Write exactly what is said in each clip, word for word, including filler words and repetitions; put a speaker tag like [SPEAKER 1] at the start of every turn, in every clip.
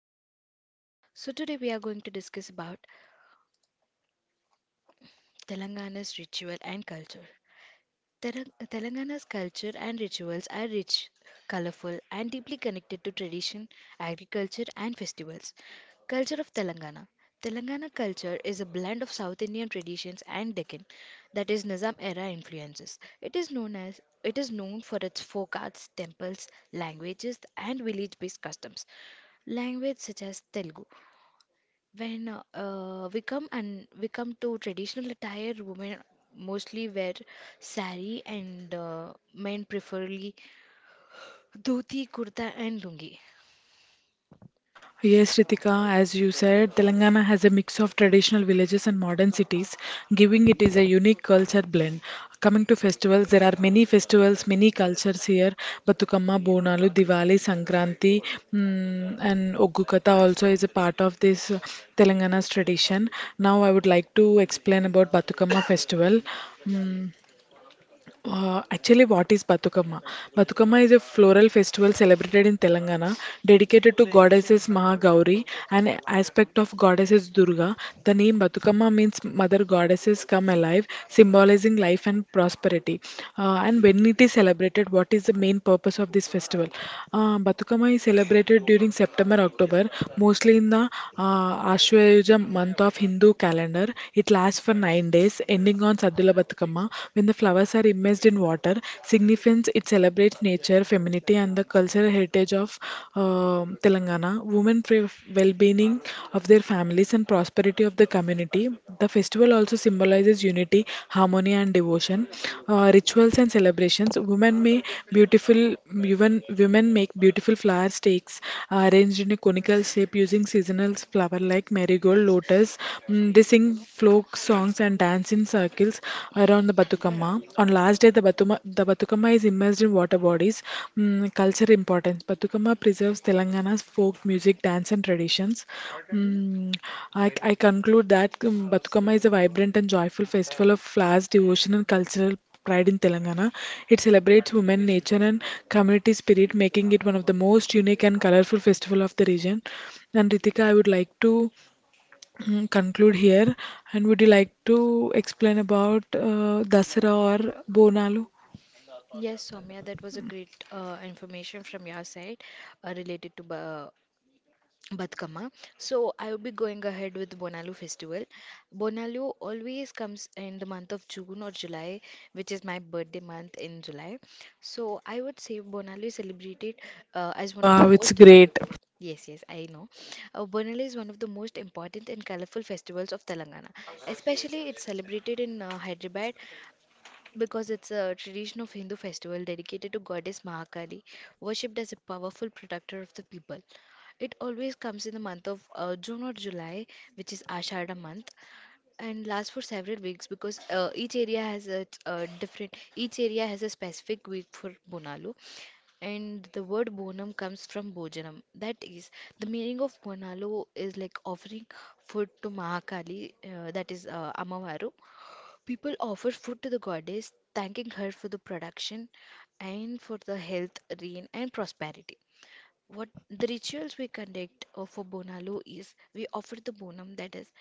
[SPEAKER 1] host is Soumya. So, today we are going to discuss about Telangana's ritual and culture. Tera- Telangana's culture and rituals are rich, colorful, and deeply connected to tradition, agriculture, and festivals. Culture of Telangana. Telangana culture is a blend of South Indian traditions and Deccan, that is Nizam era influences. It is known as it is known for its folk arts, temples, languages, and village-based customs. Language such as Telugu, when uh, we come and we come to traditional attire, women mostly wear sari, and uh, men preferably dhoti, kurta and lungi.
[SPEAKER 2] Yes, Ritika, as you said, Telangana has a mix of traditional villages and modern cities, giving it is a unique culture blend. Coming to festivals, there are many festivals, many cultures here. Batukamma, Bonalu, Diwali, Sankranti, mm, and Oggukatha also is a part of this uh, Telangana's tradition. Now, I would like to explain about Batukamma festival. Mm. Uh, actually, what is Batukamma? Batukamma is a floral festival celebrated in Telangana dedicated to goddesses Mahagauri, an aspect of goddesses Durga. The name Batukamma means mother goddesses come alive, symbolizing life and prosperity. Uh, and when it is celebrated, what is the main purpose of this festival? Uh, Batukama is celebrated during September, October, mostly in the uh, Ashwayuja month of Hindu calendar. It lasts for nine days, ending on on Saddula Batukamma, when the flowers are immersed in water, significance it celebrates nature, femininity, and the cultural heritage of um Telangana. Women pray f- well-being of their families and prosperity of the community. The festival also symbolizes unity, harmony, and devotion. Uh, rituals and celebrations. Women may Beautiful women women make beautiful flower stakes uh, arranged in a conical shape using seasonal flower like marigold, lotus. Mm, they sing singing folk songs and dance in circles around the Batukama. On last day, the Batuma, the Batukama is immersed in water bodies. Mm, culture importance. Batukama preserves Telangana's folk music, dance, and traditions. Mm, I, I conclude that um, Batukama is a vibrant and joyful festival of flowers, devotion, and cultural pride in Telangana. It celebrates women, nature, and community spirit, making it one of the most unique and colorful festival of the region. And Ritika, I would like to mm, conclude here. And would you like to explain about uh, Dasara or Bonalu?
[SPEAKER 1] Yes, Soumya, that was a great uh, information from your side uh, related to ba Badkama. So I will be going ahead with Bonalu festival. Bonalu always comes in the month of June or July, which is my birthday month in July. So I would say Bonalu is celebrated uh, as one of the
[SPEAKER 2] Wow, it's
[SPEAKER 1] most.
[SPEAKER 2] great.
[SPEAKER 1] Yes, yes, I know. Uh, Bonali is one of the most important and colorful festivals of Telangana. Especially, it's celebrated in uh, Hyderabad because it's a tradition of Hindu festival dedicated to goddess Mahakali, worshipped as a powerful protector of the people. It always comes in the month of uh, June or July, which is Ashada month, and lasts for several weeks because uh, each area has a uh, different. Each area has a specific week for Bonalu. And the word bonum comes from Bhojanam. That is, the meaning of Bonalo is like offering food to Mahakali, uh, that is uh, Amavaru. People offer food to the goddess, thanking her for the production and for the health, rain, and prosperity. What the rituals we conduct uh, for Bonalo is we offer the bonum, that is,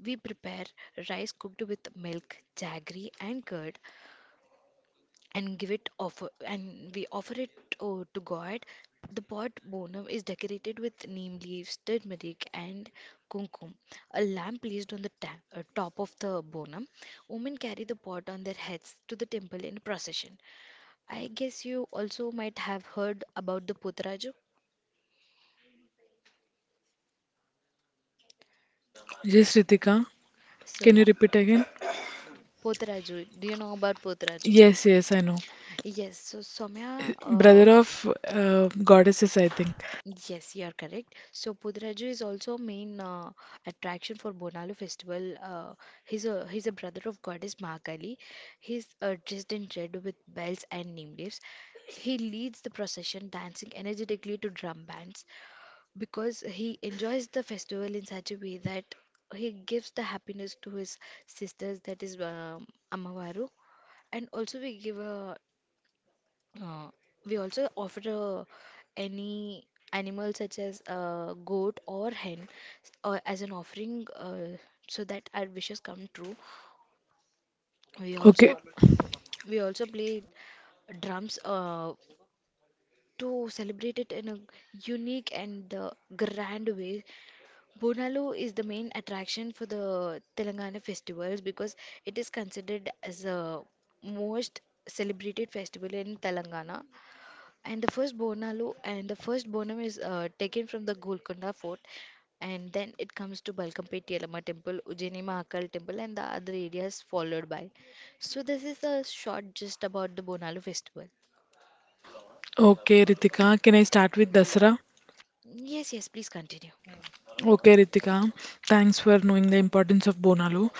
[SPEAKER 1] we prepare rice cooked with milk, jaggery, and curd, and give it offer and we offer it uh, to god. The pot bonum is decorated with neem leaves, turmeric and kumkum. A lamp placed on the ta- uh, top of the bonum. Women carry the pot on their heads to the temple in procession. I guess you also might have heard about the potraju.
[SPEAKER 2] Yes, Ritika,
[SPEAKER 1] So
[SPEAKER 2] can
[SPEAKER 1] yeah.
[SPEAKER 2] you repeat again?
[SPEAKER 1] Potraju. Do you know about potraju?
[SPEAKER 2] Yes, yes, I know.
[SPEAKER 1] Yes, so Somya, uh,
[SPEAKER 2] Brother of uh, goddesses, I think.
[SPEAKER 1] yes, you are correct. So Pudraju is also a main uh, attraction for Bonalu festival. Uh, he's a he's a brother of goddess Mahakali. He's uh, dressed in red with bells and name leaves. He leads the procession, dancing energetically to drum bands because he enjoys the festival in such a way that he gives the happiness to his sisters, that is um, Amavaru. And also we give a uh, we also offer uh, any animal such as uh, goat or hen uh, as an offering, uh, so that our wishes come true. We
[SPEAKER 2] Okay,
[SPEAKER 1] also we also play drums uh, to celebrate it in a unique and uh, grand way. Bonalu is the main attraction for the Telangana festivals because it is considered as a most celebrated festival in Telangana. And the first Bonalu and the first Bonam is uh, taken from the Golconda fort, and then it comes to Balkampet Yellama temple, Ujjaini Mahakal temple, and the other areas followed by. So this is a short just about the Bonalu festival.
[SPEAKER 2] okay, Ritika, can I start with Dasara?
[SPEAKER 1] Yes, yes, please continue.
[SPEAKER 2] Okay, Ritika, thanks for knowing the importance of Bonalu.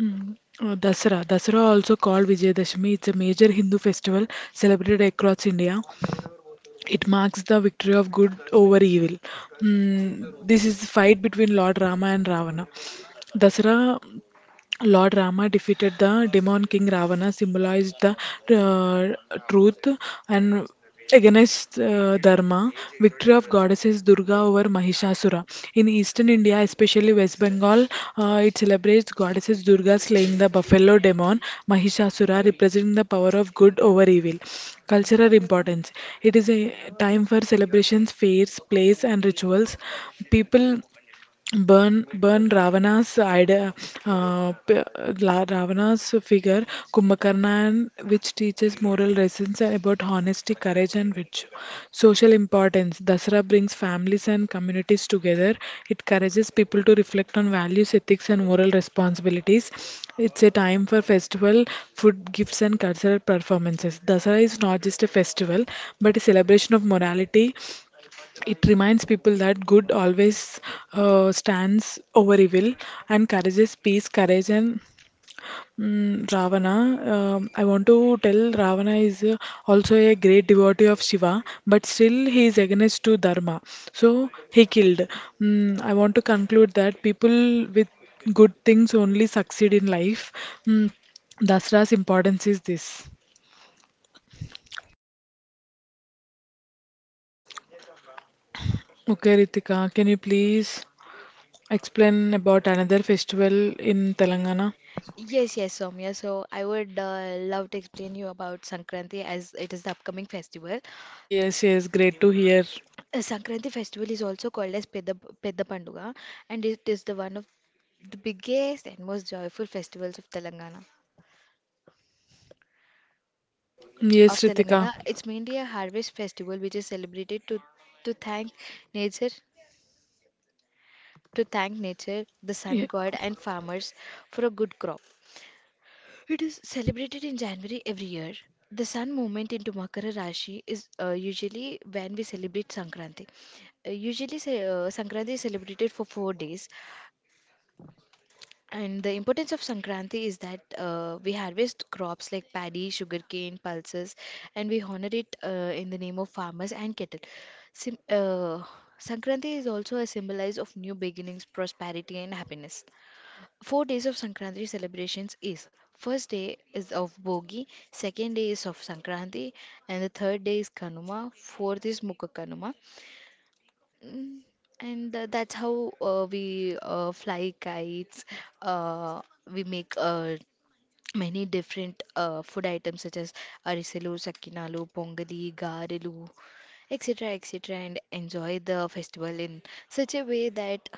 [SPEAKER 2] Mm, uh, Dasara. Dasara, also called Vijayadashami, it's a major Hindu festival celebrated across India. It marks the victory of good over evil. Mm, this is the fight between Lord Rama and Ravana. Dasara Lord Rama defeated the demon king Ravana, symbolized the uh, truth and against uh, dharma, victory of goddesses Durga over Mahishasura. In eastern India, especially West Bengal, uh, it celebrates goddesses Durga slaying the buffalo demon Mahishasura, representing the power of good over evil. Cultural importance. It is a time for celebrations, fairs, plays, and rituals. People burn burn Ravana's idea, uh, p- La- Ravana's figure, Kumbhakarna, and which teaches moral lessons about honesty, courage, and virtue. Social importance. Dasara brings families and communities together. It encourages people to reflect on values, ethics, and moral responsibilities. It's a time for festival, food, gifts, and cultural performances. Dasara is not just a festival, but a celebration of morality, it reminds people that good always uh, stands over evil and encourages peace, courage, and mm, Ravana. Um, I want to tell Ravana is uh, also a great devotee of Shiva, but still he is against to Dharma. So he killed. Mm, I want to conclude that people with good things only succeed in life. Mm, Dasra's importance is this. Okay, Ritika, can you please explain about another festival in Telangana?
[SPEAKER 1] Yes, yes, Soumya. So I would uh, love to explain you about Sankranti as it is the upcoming festival.
[SPEAKER 2] Yes, yes, great to hear.
[SPEAKER 1] Uh, Sankranti festival is also called as Pedda, Pedda Panduga, and it is the one of the biggest and most joyful festivals of Telangana. Of
[SPEAKER 2] Yes, Ritika.
[SPEAKER 1] Telangana. It's mainly a harvest festival which is celebrated to to thank nature to thank nature, the sun
[SPEAKER 2] Ye-
[SPEAKER 1] god and farmers for a good crop. It is celebrated in January every year. The sun movement into Makara Rashi is uh, usually when we celebrate Sankranti. Uh, usually, say, uh, Sankranti is celebrated for four days. And the importance of Sankranti is that uh, we harvest crops like paddy, sugarcane, pulses, and we honor it uh, in the name of farmers and cattle. Sim- uh, Sankranti is also a symbolize of new beginnings, prosperity, and happiness. Four days of Sankranti celebrations is first day is of Bogi, second day is of Sankranti, and the third day is Kanuma, fourth is Mukha Kanuma. Mm, And uh, that's how uh, we uh, fly kites. Uh, we make uh, many different uh, food items such as arisalu, sakinalu, pongali, garilu, et cetera, et cetera, and enjoy the festival in such a way that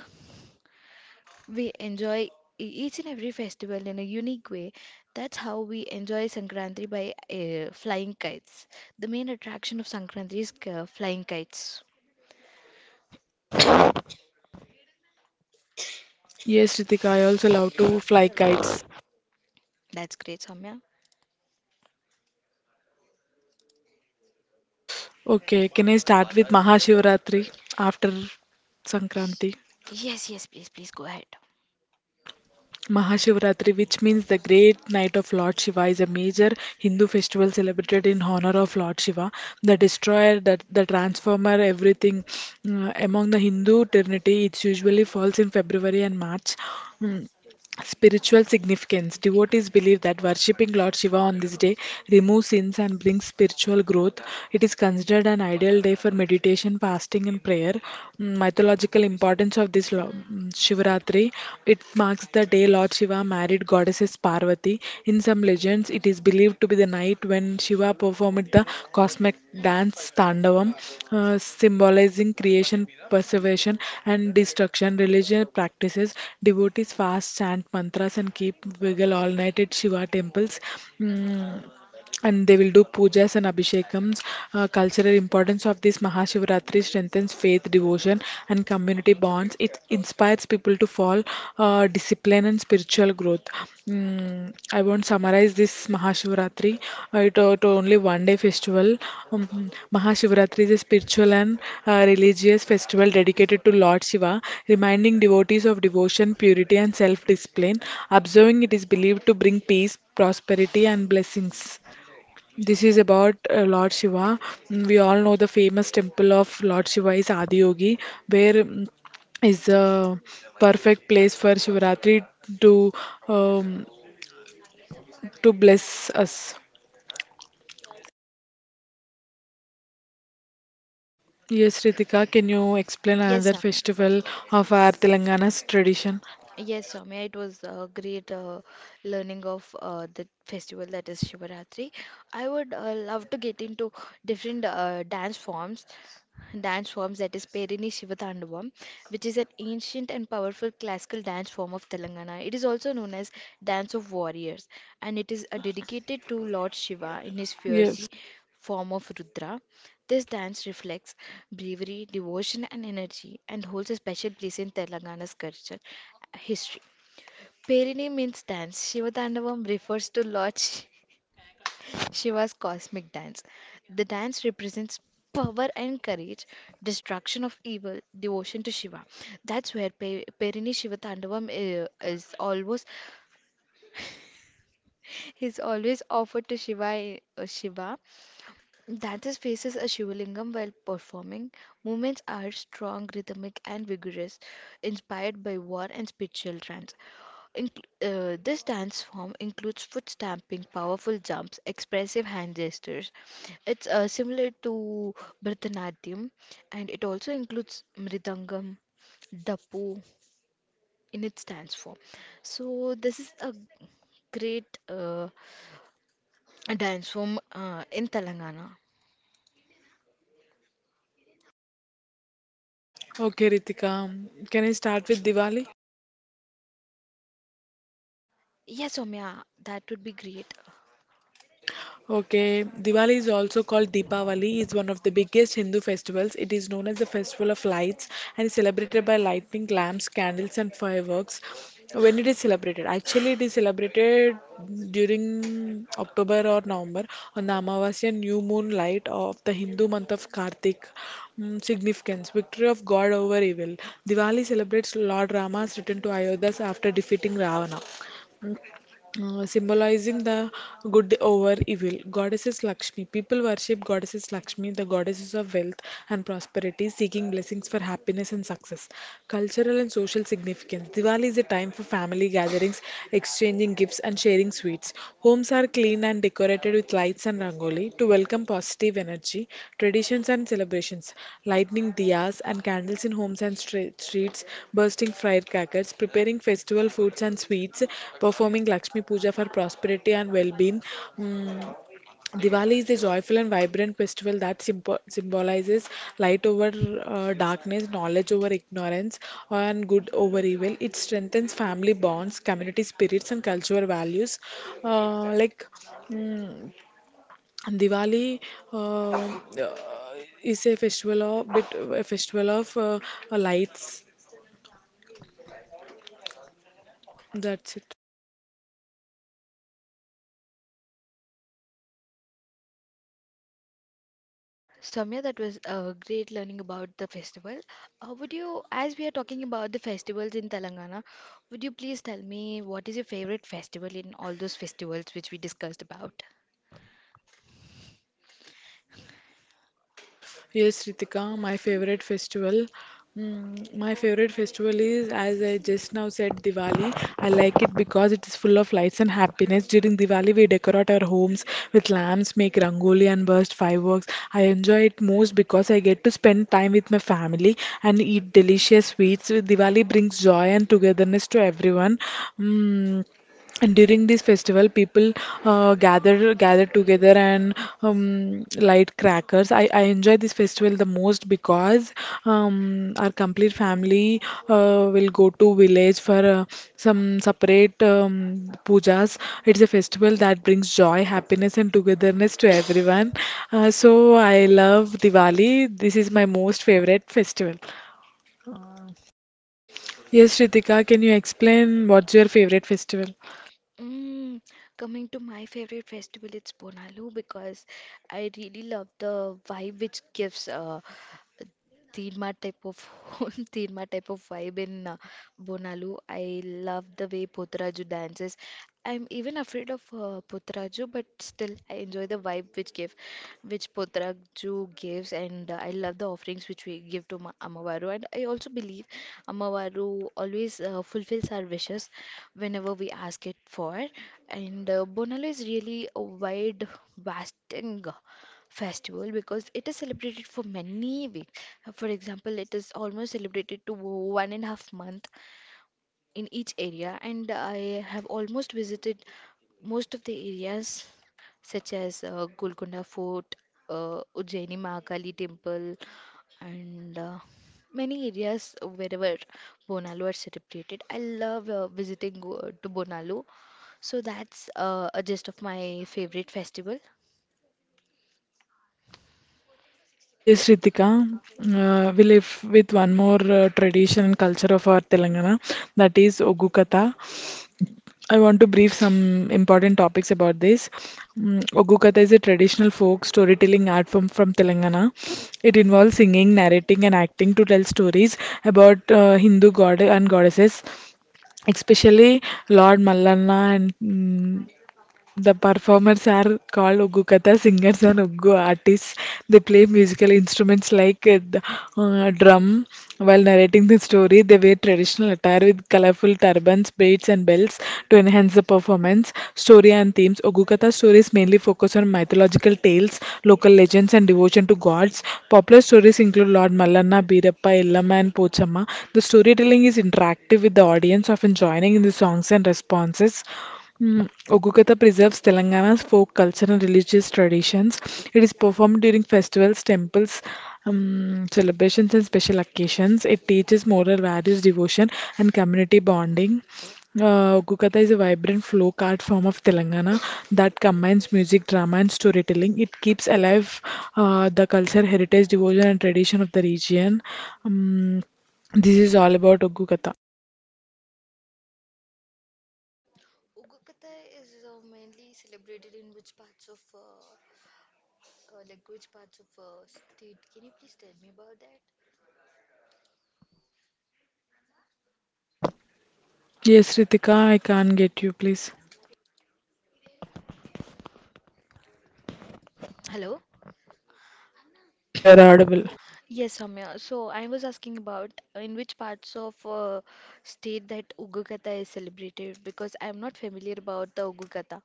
[SPEAKER 1] we enjoy e- each and every festival in a unique way. That's how we enjoy Sankranti by uh, flying kites. The main attraction of Sankranti is uh, flying kites.
[SPEAKER 2] Yes, Ritika, I also love to fly kites.
[SPEAKER 1] That's great, Samya.
[SPEAKER 2] Okay, can I start with Mahashivratri after Sankranti?
[SPEAKER 1] Yes, yes, please, please go ahead.
[SPEAKER 2] Mahashivratri, which means the great night of Lord Shiva, is a major Hindu festival celebrated in honor of Lord Shiva, the destroyer, the, the transformer, everything. Mm, among the Hindu trinity, it usually falls in February and March. Mm, spiritual significance. Devotees believe that worshipping Lord Shiva on this day removes sins and brings spiritual growth. It is considered an ideal day for meditation, fasting, and prayer. Mm, mythological importance of this lo- mm, Shivaratri. It marks the day Lord Shiva married goddesses Parvati. Parvati. In some legends, it is believed to be the night when Shiva performed the cosmic dance Tandavam, uh, symbolizing creation, preservation, and destruction. Religion practices devotees fast, chant mantras, and keep vigil all night at Shiva temples. Mm, and they will do pujas and abhishekams. Uh, cultural importance of this Mahashivratri strengthens faith, devotion, and community bonds. It inspires people to follow uh, discipline and spiritual growth. Mm, I won't summarize this Mahashivratri. Uh, it, uh, it only one day festival. Um, Mahashivratri is a spiritual and uh, religious festival dedicated to Lord Shiva, reminding devotees of devotion, purity, and self-discipline. Observing it is believed to bring peace, prosperity, and blessings. This is about uh, Lord Shiva. Mm, we all know the famous temple of Lord Shiva is Adiyogi, where mm, is the perfect place for Shivaratri to um, to bless us. Yes, Ritika, can you explain
[SPEAKER 1] Yes,
[SPEAKER 2] another
[SPEAKER 1] Samya.
[SPEAKER 2] festival of our Telangana's tradition?
[SPEAKER 1] Yes, Soumya, it was a great uh, learning of uh, the festival that is Shivaratri. I would uh, love to get into different uh, dance forms, dance forms that is Perini Shivatandavam, which is an ancient and powerful classical dance form of Telangana. It is also known as Dance of Warriors, and it is uh, dedicated to Lord Shiva in his
[SPEAKER 2] Yes.
[SPEAKER 1] fiery form of Rudra. This dance reflects bravery, devotion, and energy and holds a special place in Telangana's culture. History. Perini means dance. Shivatandavam refers to Lord Sh- Shiva's cosmic dance. The dance represents power and courage, destruction of evil, devotion to Shiva. That's where Pe- Perini Shivatandavam i- is always is always offered to Shiva. i- uh, Shiva dances faces a Shivalingam while performing. Movements are strong, rhythmic, and vigorous, inspired by war and spiritual trance. Inc- uh, this dance form includes foot stamping, powerful jumps, expressive hand gestures. It's uh, similar to Bharatanatyam and it also includes Mridangam, Dapu in its dance form. So, this is a great uh, dance form uh, in Telangana.
[SPEAKER 2] Okay, Ritika, can I start with Diwali?
[SPEAKER 1] Yes, Omya, that would be great.
[SPEAKER 2] Okay, Diwali is also called Deepavali. It's one of the biggest Hindu festivals. It is known as the festival of lights and is celebrated by lighting lamps, candles, and fireworks. When it is celebrated, actually, it is celebrated during October or November on the Amavasya new moon light of the Hindu month of Kartik. Mm, significance. Victory of God over evil. Diwali celebrates Lord Rama's return to Ayodhya after defeating Ravana. Mm, uh, Symbolizing the good over evil. Goddesses Lakshmi. People worship goddesses Lakshmi, the goddesses of wealth and prosperity, seeking blessings for happiness and success. Cultural and social significance. Diwali is a time for family gatherings, exchanging gifts, and sharing sweets. Homes Homes are clean and decorated with lights and rangoli to welcome positive energy, traditions and celebrations. Lighting diyas and candles in homes and stre- streets, bursting firecrackers, preparing festival foods and sweets, performing Lakshmi Puja for prosperity and well-being. Mm, Diwali is a joyful and vibrant festival that symbo- symbolizes light over uh, darkness, knowledge over ignorance, and good over evil. It strengthens family bonds, community spirits, and cultural values. Uh, like mm, Diwali uh, uh, is a festival of bit a festival of uh, lights. That's it.
[SPEAKER 1] Soumya, that was uh, great learning about the festival. Uh, would you, as we are talking about the festivals in Telangana, would you please tell me what is your favorite festival in all those festivals which we discussed about?
[SPEAKER 2] Yes, Ritika, my favorite festival. Mm, my favorite festival is, as I just now said, Diwali. I like it because it is full of lights and happiness. During Diwali, we decorate our homes with lamps, make rangoli, and burst fireworks. I enjoy it most because I get to spend time with my family and eat delicious sweets. Diwali brings joy and togetherness to everyone. Mm. And during this festival, people uh, gather gather together and um, light crackers. I, I enjoy this festival the most because um, our complete family uh, will go to village for uh, some separate um, pujas. It's a festival that brings joy, happiness, and togetherness to everyone. Uh, so I love Diwali. This is my most favorite festival. Yes, Ritika, can you explain what's your favorite festival?
[SPEAKER 1] Mm, coming to my favorite festival, it's Bonalu because I really love the vibe which gives uh, Tilma type of Tilma type of vibe in uh, Bonalu. I love the way Putraju dances. I'm even afraid of uh, Potraju, but still I enjoy the vibe which give, which Putraju gives, and uh, I love the offerings which we give to Ma Amavaru. And I also believe Amavaru always uh, fulfills our wishes whenever we ask it for. And uh, Bonalu is really a wide, vast thing festival because it is celebrated for many weeks. Uh, For example, it is almost celebrated to one and a half month in each area, and I have almost visited most of the areas such as uh, Golconda Fort, uh, Ujjaini Mahakali Temple, and uh, many areas wherever Bonalo are celebrated. I love uh, visiting uh, to Bonalo. So that's uh, a gist of my favorite festival.
[SPEAKER 2] Yes, Ritika. Uh, we live with one more uh, tradition and culture of our Telangana, that is Ogu. I want to brief some important topics about this. Mm, Ogu is a traditional folk storytelling art form from Telangana. It involves singing, narrating, and acting to tell stories about uh, Hindu god and goddesses, especially Lord Mallanna and mm, the performers are called Ogukata singers and Ogu artists. They play musical instruments like uh, the uh, drum while narrating the story. They wear traditional attire with colorful turbans, braids, and belts to enhance the performance. Story and themes. Ogukata stories mainly focus on mythological tales, local legends, and devotion to gods. Popular stories include Lord Mallanna, Birappa, Illama, and Pochama. The storytelling is interactive with the audience, often joining in the songs and responses. Mm, Ogukata preserves Telangana's folk culture and religious traditions. It is performed during festivals, temples, um, celebrations, and special occasions. It teaches moral values, devotion, and community bonding. Uh, Ogukata is a vibrant folk art form of Telangana that combines music, drama, and storytelling. It keeps alive uh, the culture, heritage, devotion, and tradition of the region. Um, this is all about Ogukata.
[SPEAKER 1] Ukukata is uh, mainly celebrated in which parts of, uh, uh, like which parts of uh, state? Can you please tell me about that?
[SPEAKER 2] Yes, Ritika, I can't get you, please.
[SPEAKER 1] Hello?
[SPEAKER 2] Yes, you are audible.
[SPEAKER 1] Yes, Samya. So I was asking about in which parts of uh, state that Ugukata is celebrated because I am not familiar about the Ugukata.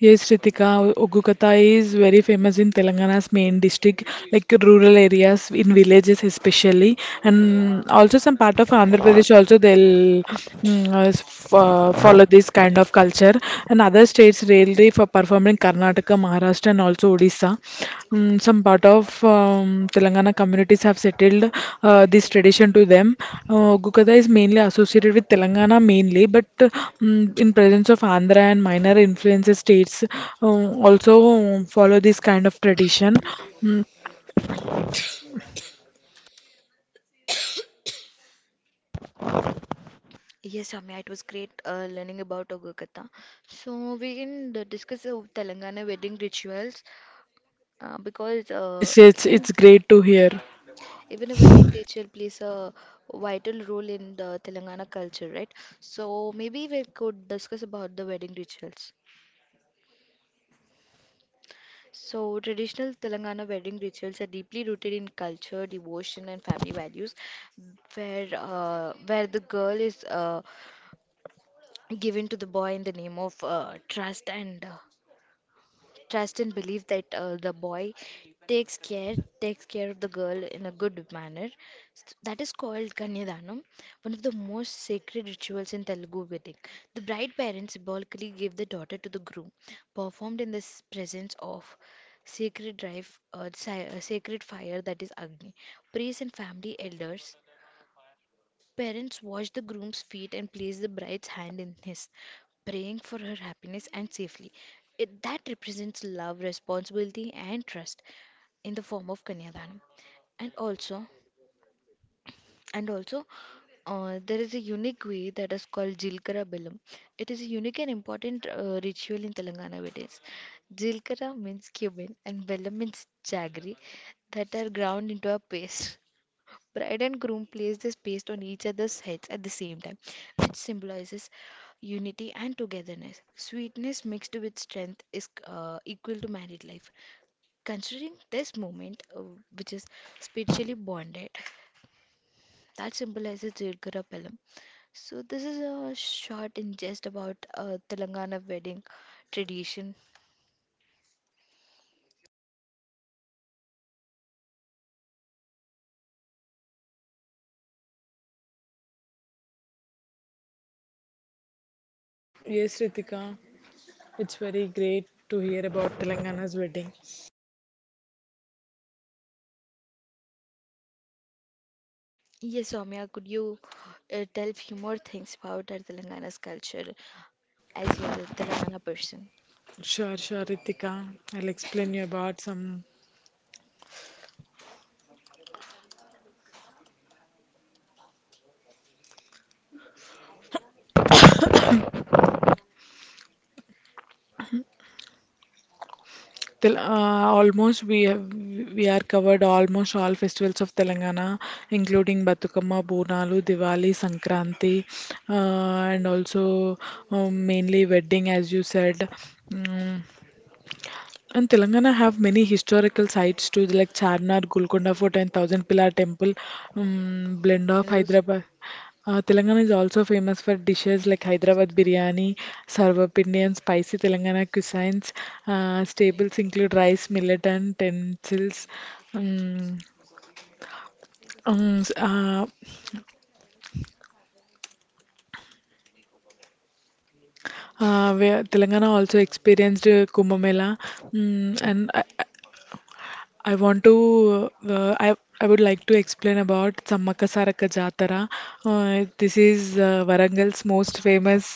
[SPEAKER 2] Yes, Ritika, Ogukata is very famous in Telangana's main district, like rural areas, in villages especially, and also some part of Andhra Pradesh also they'll mm, uh, s- f- uh, follow this kind of culture, and other states really for performing Karnataka, Maharashtra, and also also Odisha. Mm, some part of um, Telangana communities have settled uh, this tradition to them. Uh, Gukada is mainly associated with Telangana mainly, but uh, mm, in presence of Andhra and minor influences, states uh, also follow this kind of tradition. Mm,
[SPEAKER 1] Yes, Samya, it was great uh, learning about Ugukata. So we can d- discuss uh, Telangana wedding rituals uh, because uh,
[SPEAKER 2] yes, yes,
[SPEAKER 1] even
[SPEAKER 2] it's great to hear.
[SPEAKER 1] Even a wedding ritual plays a vital role in the Telangana culture, right? So maybe we could discuss about the wedding rituals. So traditional Telangana wedding rituals are deeply rooted in culture, devotion, and family values, where uh, where the girl is uh, given to the boy in the name of uh, trust and uh, trust and belief that uh, the boy takes care takes care of the girl in a good manner. S- that is called kanyadanam, one of the most sacred rituals in Telugu wedding. The bride parents symbolically give the daughter to the groom, performed in the s- presence of sacred drive uh, si- uh, sacred fire, that is agni, priests and family elders. Parents wash the groom's feet and place the bride's hand in his, praying for her happiness and safely. It, that represents love, responsibility, and trust in the form of Kanyadanam. And also, and also, uh, there is a unique way that is called Jilkara Bilam. It is a unique and important uh, ritual in Telangana weddings. Jilkara means cumin and Bellam means jaggery that are ground into a paste. Bride and groom place this paste on each other's heads at the same time, which symbolizes unity and togetherness. Sweetness mixed with strength is uh, equal to married life. Considering this moment, uh, which is spiritually bonded, that symbolizes Durga Palam. So this is a short ingest about uh, Telangana wedding tradition.
[SPEAKER 2] Yes, Ritika, it's very great to hear about Telangana's wedding.
[SPEAKER 1] Yes, Soumya, could you uh, tell few more things about our Telangana's culture as you are a Telangana person?
[SPEAKER 2] Sure, sure, Ritika. I'll explain you about some Tel- uh, almost we have we are covered almost all festivals of Telangana, including Batukamma, Bonalu, Diwali, Sankranti, uh, and also um, mainly wedding, as you said. Mm. And Telangana have many historical sites too, like Charnar, Golconda Fort, and Thousand Pillar Temple, um, blend of
[SPEAKER 1] And those-
[SPEAKER 2] Hyderabad. Uh, Telangana is also famous for dishes like Hyderabad biryani, sarvapindi, and spicy Telangana cuisines. Uh, staples include rice, millet, and utensils. Um, um, s- uh, uh, where Telangana also experienced uh, Kumbh Mela, mm, and uh, I want to uh, I I would like to explain about Sammaka Saraka Jatara. Uh, this is uh, Varangal's most famous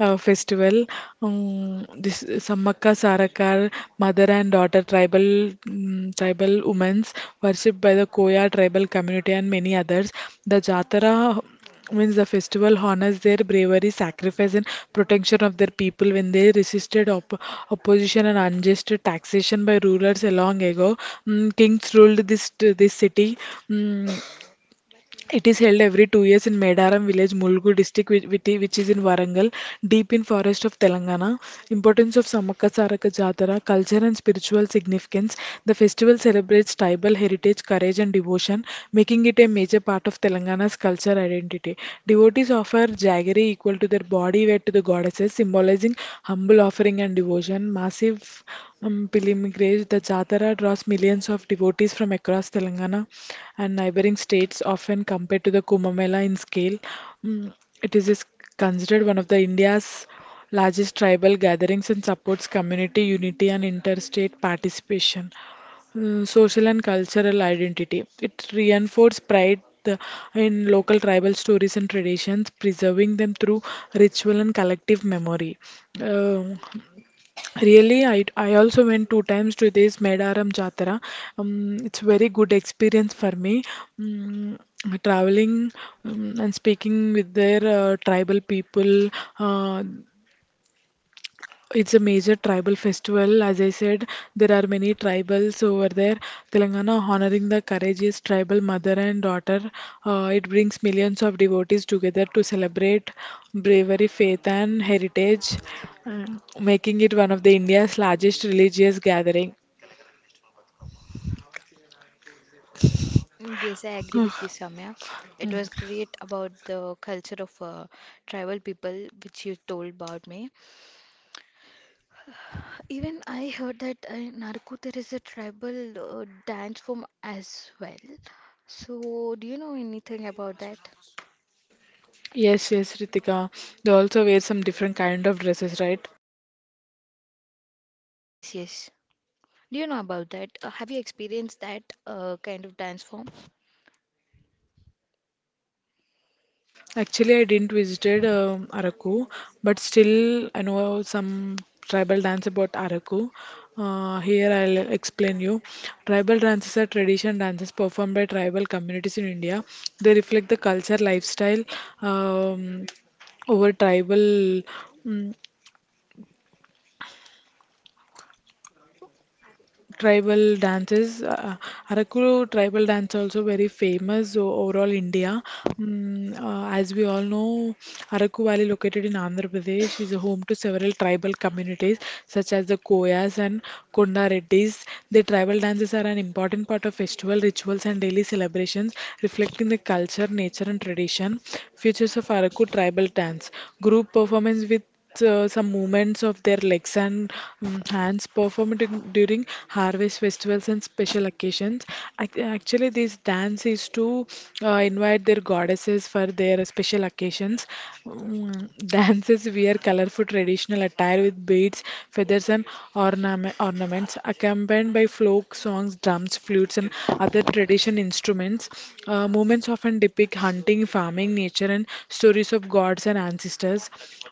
[SPEAKER 2] uh, festival. Um, this Sammaka Sarakar, mother and daughter tribal mm tribal women worshipped by the Koya tribal community and many others. The Jatara means the festival honors their bravery, sacrifice, and protection of their people when they resisted op- opposition and unjust taxation by rulers a long ago. Mm, kings ruled this this city. Mm, it is held every two years in Medaram village, Mulgu district, which, which i- which is in Varangal, deep in forest of Telangana. Importance of Samaka Saraka Jatara, culture and spiritual significance. The festival celebrates tribal heritage, courage and devotion, making it a major part of Telangana's culture identity. Devotees of offer jaggery equal to their body weight to the goddesses, symbolizing humble offering and devotion. Massive um, pilgrimage, the Jatara draws millions of devotees from across Telangana and neighboring states, often compared to the Kumbh Mela in scale. Mm, It is is considered one of the India's largest tribal gatherings and supports community unity and interstate participation, uh, social and cultural identity. It reinforces pride uh, in local tribal stories and traditions, preserving them through ritual and collective memory. Um Really, I, I also went two times to this Medaram Jatara. Um, it's very good experience for me. Mm, traveling um, and speaking with their uh, tribal people, uh, it's a major tribal festival. As I said, there are many tribals over there. Telangana honoring the courageous tribal mother and daughter. Uh, it brings millions of devotees together to celebrate bravery, faith, and heritage, uh, making it one of the India's largest religious gathering.
[SPEAKER 1] Mm, yes, I agree with you, Samya. It was great about the culture of uh, tribal people, which you told about me. Even I heard that uh, in Naraku there is a tribal uh, dance form as well. So, do you know anything about that?
[SPEAKER 2] Yes, yes, Ritika. They also wear some different kind of dresses, right?
[SPEAKER 1] Yes, yes. Do you know about that? Uh, have you experienced that uh, kind of dance form?
[SPEAKER 2] Actually, I didn't visited um Araku, but still I know some tribal dance about Araku. Uh, here I'll explain you. Tribal dances are tradition dances performed by tribal communities in India. They reflect the culture, lifestyle, um, over tribal. Mm, tribal dances. Uh, Arakuru tribal dance also very famous o- overall India. Mm, uh, as we all know, Araku Valley located in Andhra Pradesh is home to several tribal communities such as the Koyas and Konda Reddys. The tribal dances are an important part of festival rituals and daily celebrations, reflecting the culture, nature, and tradition. Features of Araku tribal dance: group performance with uh, some movements of their legs and um, hands performed in- during harvest festivals and special occasions. Ac- Actually, this dance is to uh, invite their goddesses for their special occasions. Mm, Dances wear colorful traditional attire with beads, feathers, and ornament, ornaments, accompanied by folk songs, drums, flutes, and other tradition instruments. Uh, moments often depict hunting, farming, nature, and stories of gods and ancestors.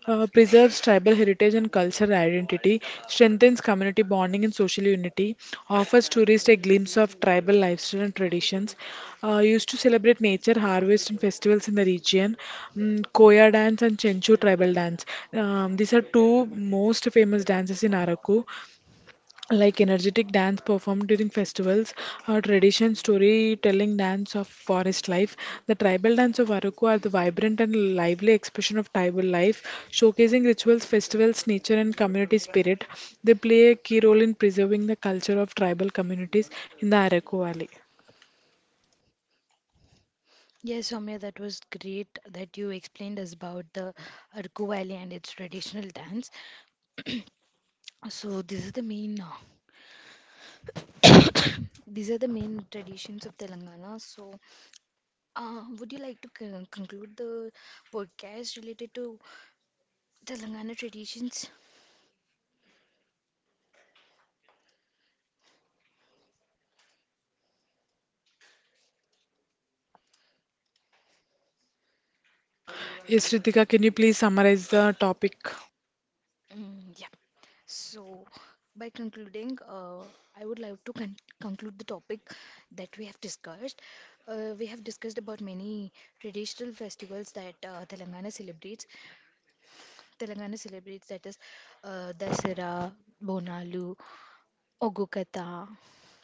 [SPEAKER 2] Uh, preserves tribal heritage and cultural identity, strengthens community bonding and social unity, offers tourists a glimpse of tribal lifestyle and traditions. Uh, used to celebrate nature, harvest, and festivals in the region. Mm, Koya dance and Chenchu tribal dance. Um, these are two most famous dances in Araku, like energetic dance performed during festivals, our tradition storytelling dance of forest life. The tribal dance of Arauco are the vibrant and lively expression of tribal life, showcasing rituals, festivals, nature, and community spirit. They play a key role in preserving the culture of tribal communities in the Arauco Valley.
[SPEAKER 1] Yes, Soumya, that was great that you explained us about the Arku Valley and its traditional dance. So, this is the main uh, these are the main traditions of Telangana. So, uh, would you like to con- conclude the podcast related to Telangana traditions?
[SPEAKER 2] Yes, Ritika, can you please summarize the topic?
[SPEAKER 1] Mm, yeah. So, by concluding, uh, I would like to con- conclude the topic that we have discussed. Uh, we have discussed about many traditional festivals that uh, Telangana celebrates. Telangana celebrates That is uh, Dasara, Bonalu, Ogukata,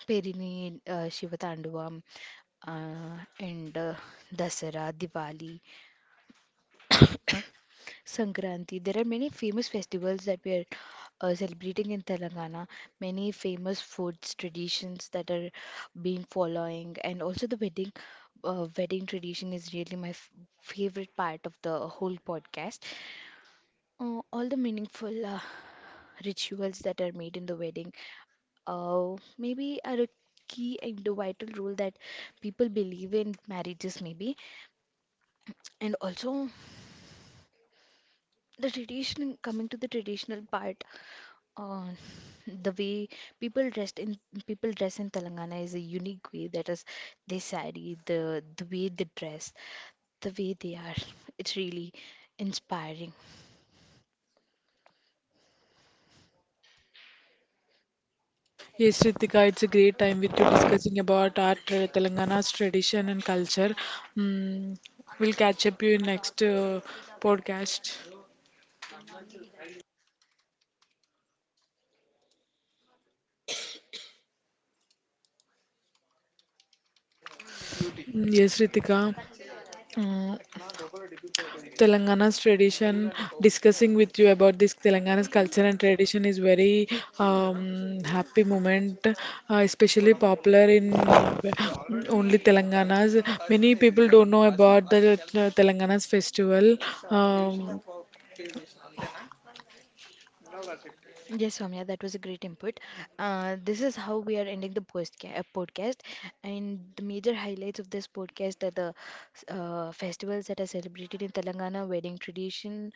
[SPEAKER 1] Perini, uh, Shivatanduvam, uh, and uh, Dasara, Diwali, Sankranti. There are many famous festivals that we are uh, celebrating in Telangana. Many famous foods, traditions that are being following, and also the wedding. Uh, wedding tradition is really my f- favorite part of the whole podcast. Uh, all the meaningful uh, rituals that are made in the wedding. Uh, maybe are a key and a vital role that people believe in marriages, maybe. And also, the tradition, coming to the traditional part, uh, the way people dressed in people dress in Telangana is a unique way. That is, they sari, the the way they dress, the way they are. It's really inspiring.
[SPEAKER 2] Yes, Ritika, it's a great time with you discussing about our tra- Telangana's tradition and culture. Mm, we'll catch up you in next uh, podcast. Mm, yes, Ritika. Mm, Telangana's tradition, discussing with you about this Telangana's culture and tradition is very um, happy moment, uh, especially popular in uh, only Telangana's. Many people don't know about the uh, Telangana's festival. Um,
[SPEAKER 1] Yes, Soumya, that was a great input. Uh, this is how we are ending the postca- uh, podcast. And the major highlights of this podcast are the uh, festivals that are celebrated in Telangana, wedding tradition,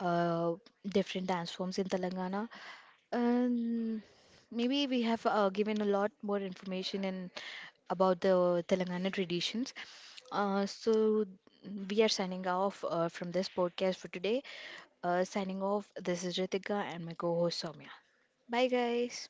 [SPEAKER 1] uh, different dance forms in Telangana. Um, maybe we have uh, given a lot more information in about the Telangana traditions. Uh, so we are signing off uh, from this podcast for today. Uh, signing off, this is Ritika and my co host Soumya. Bye, guys.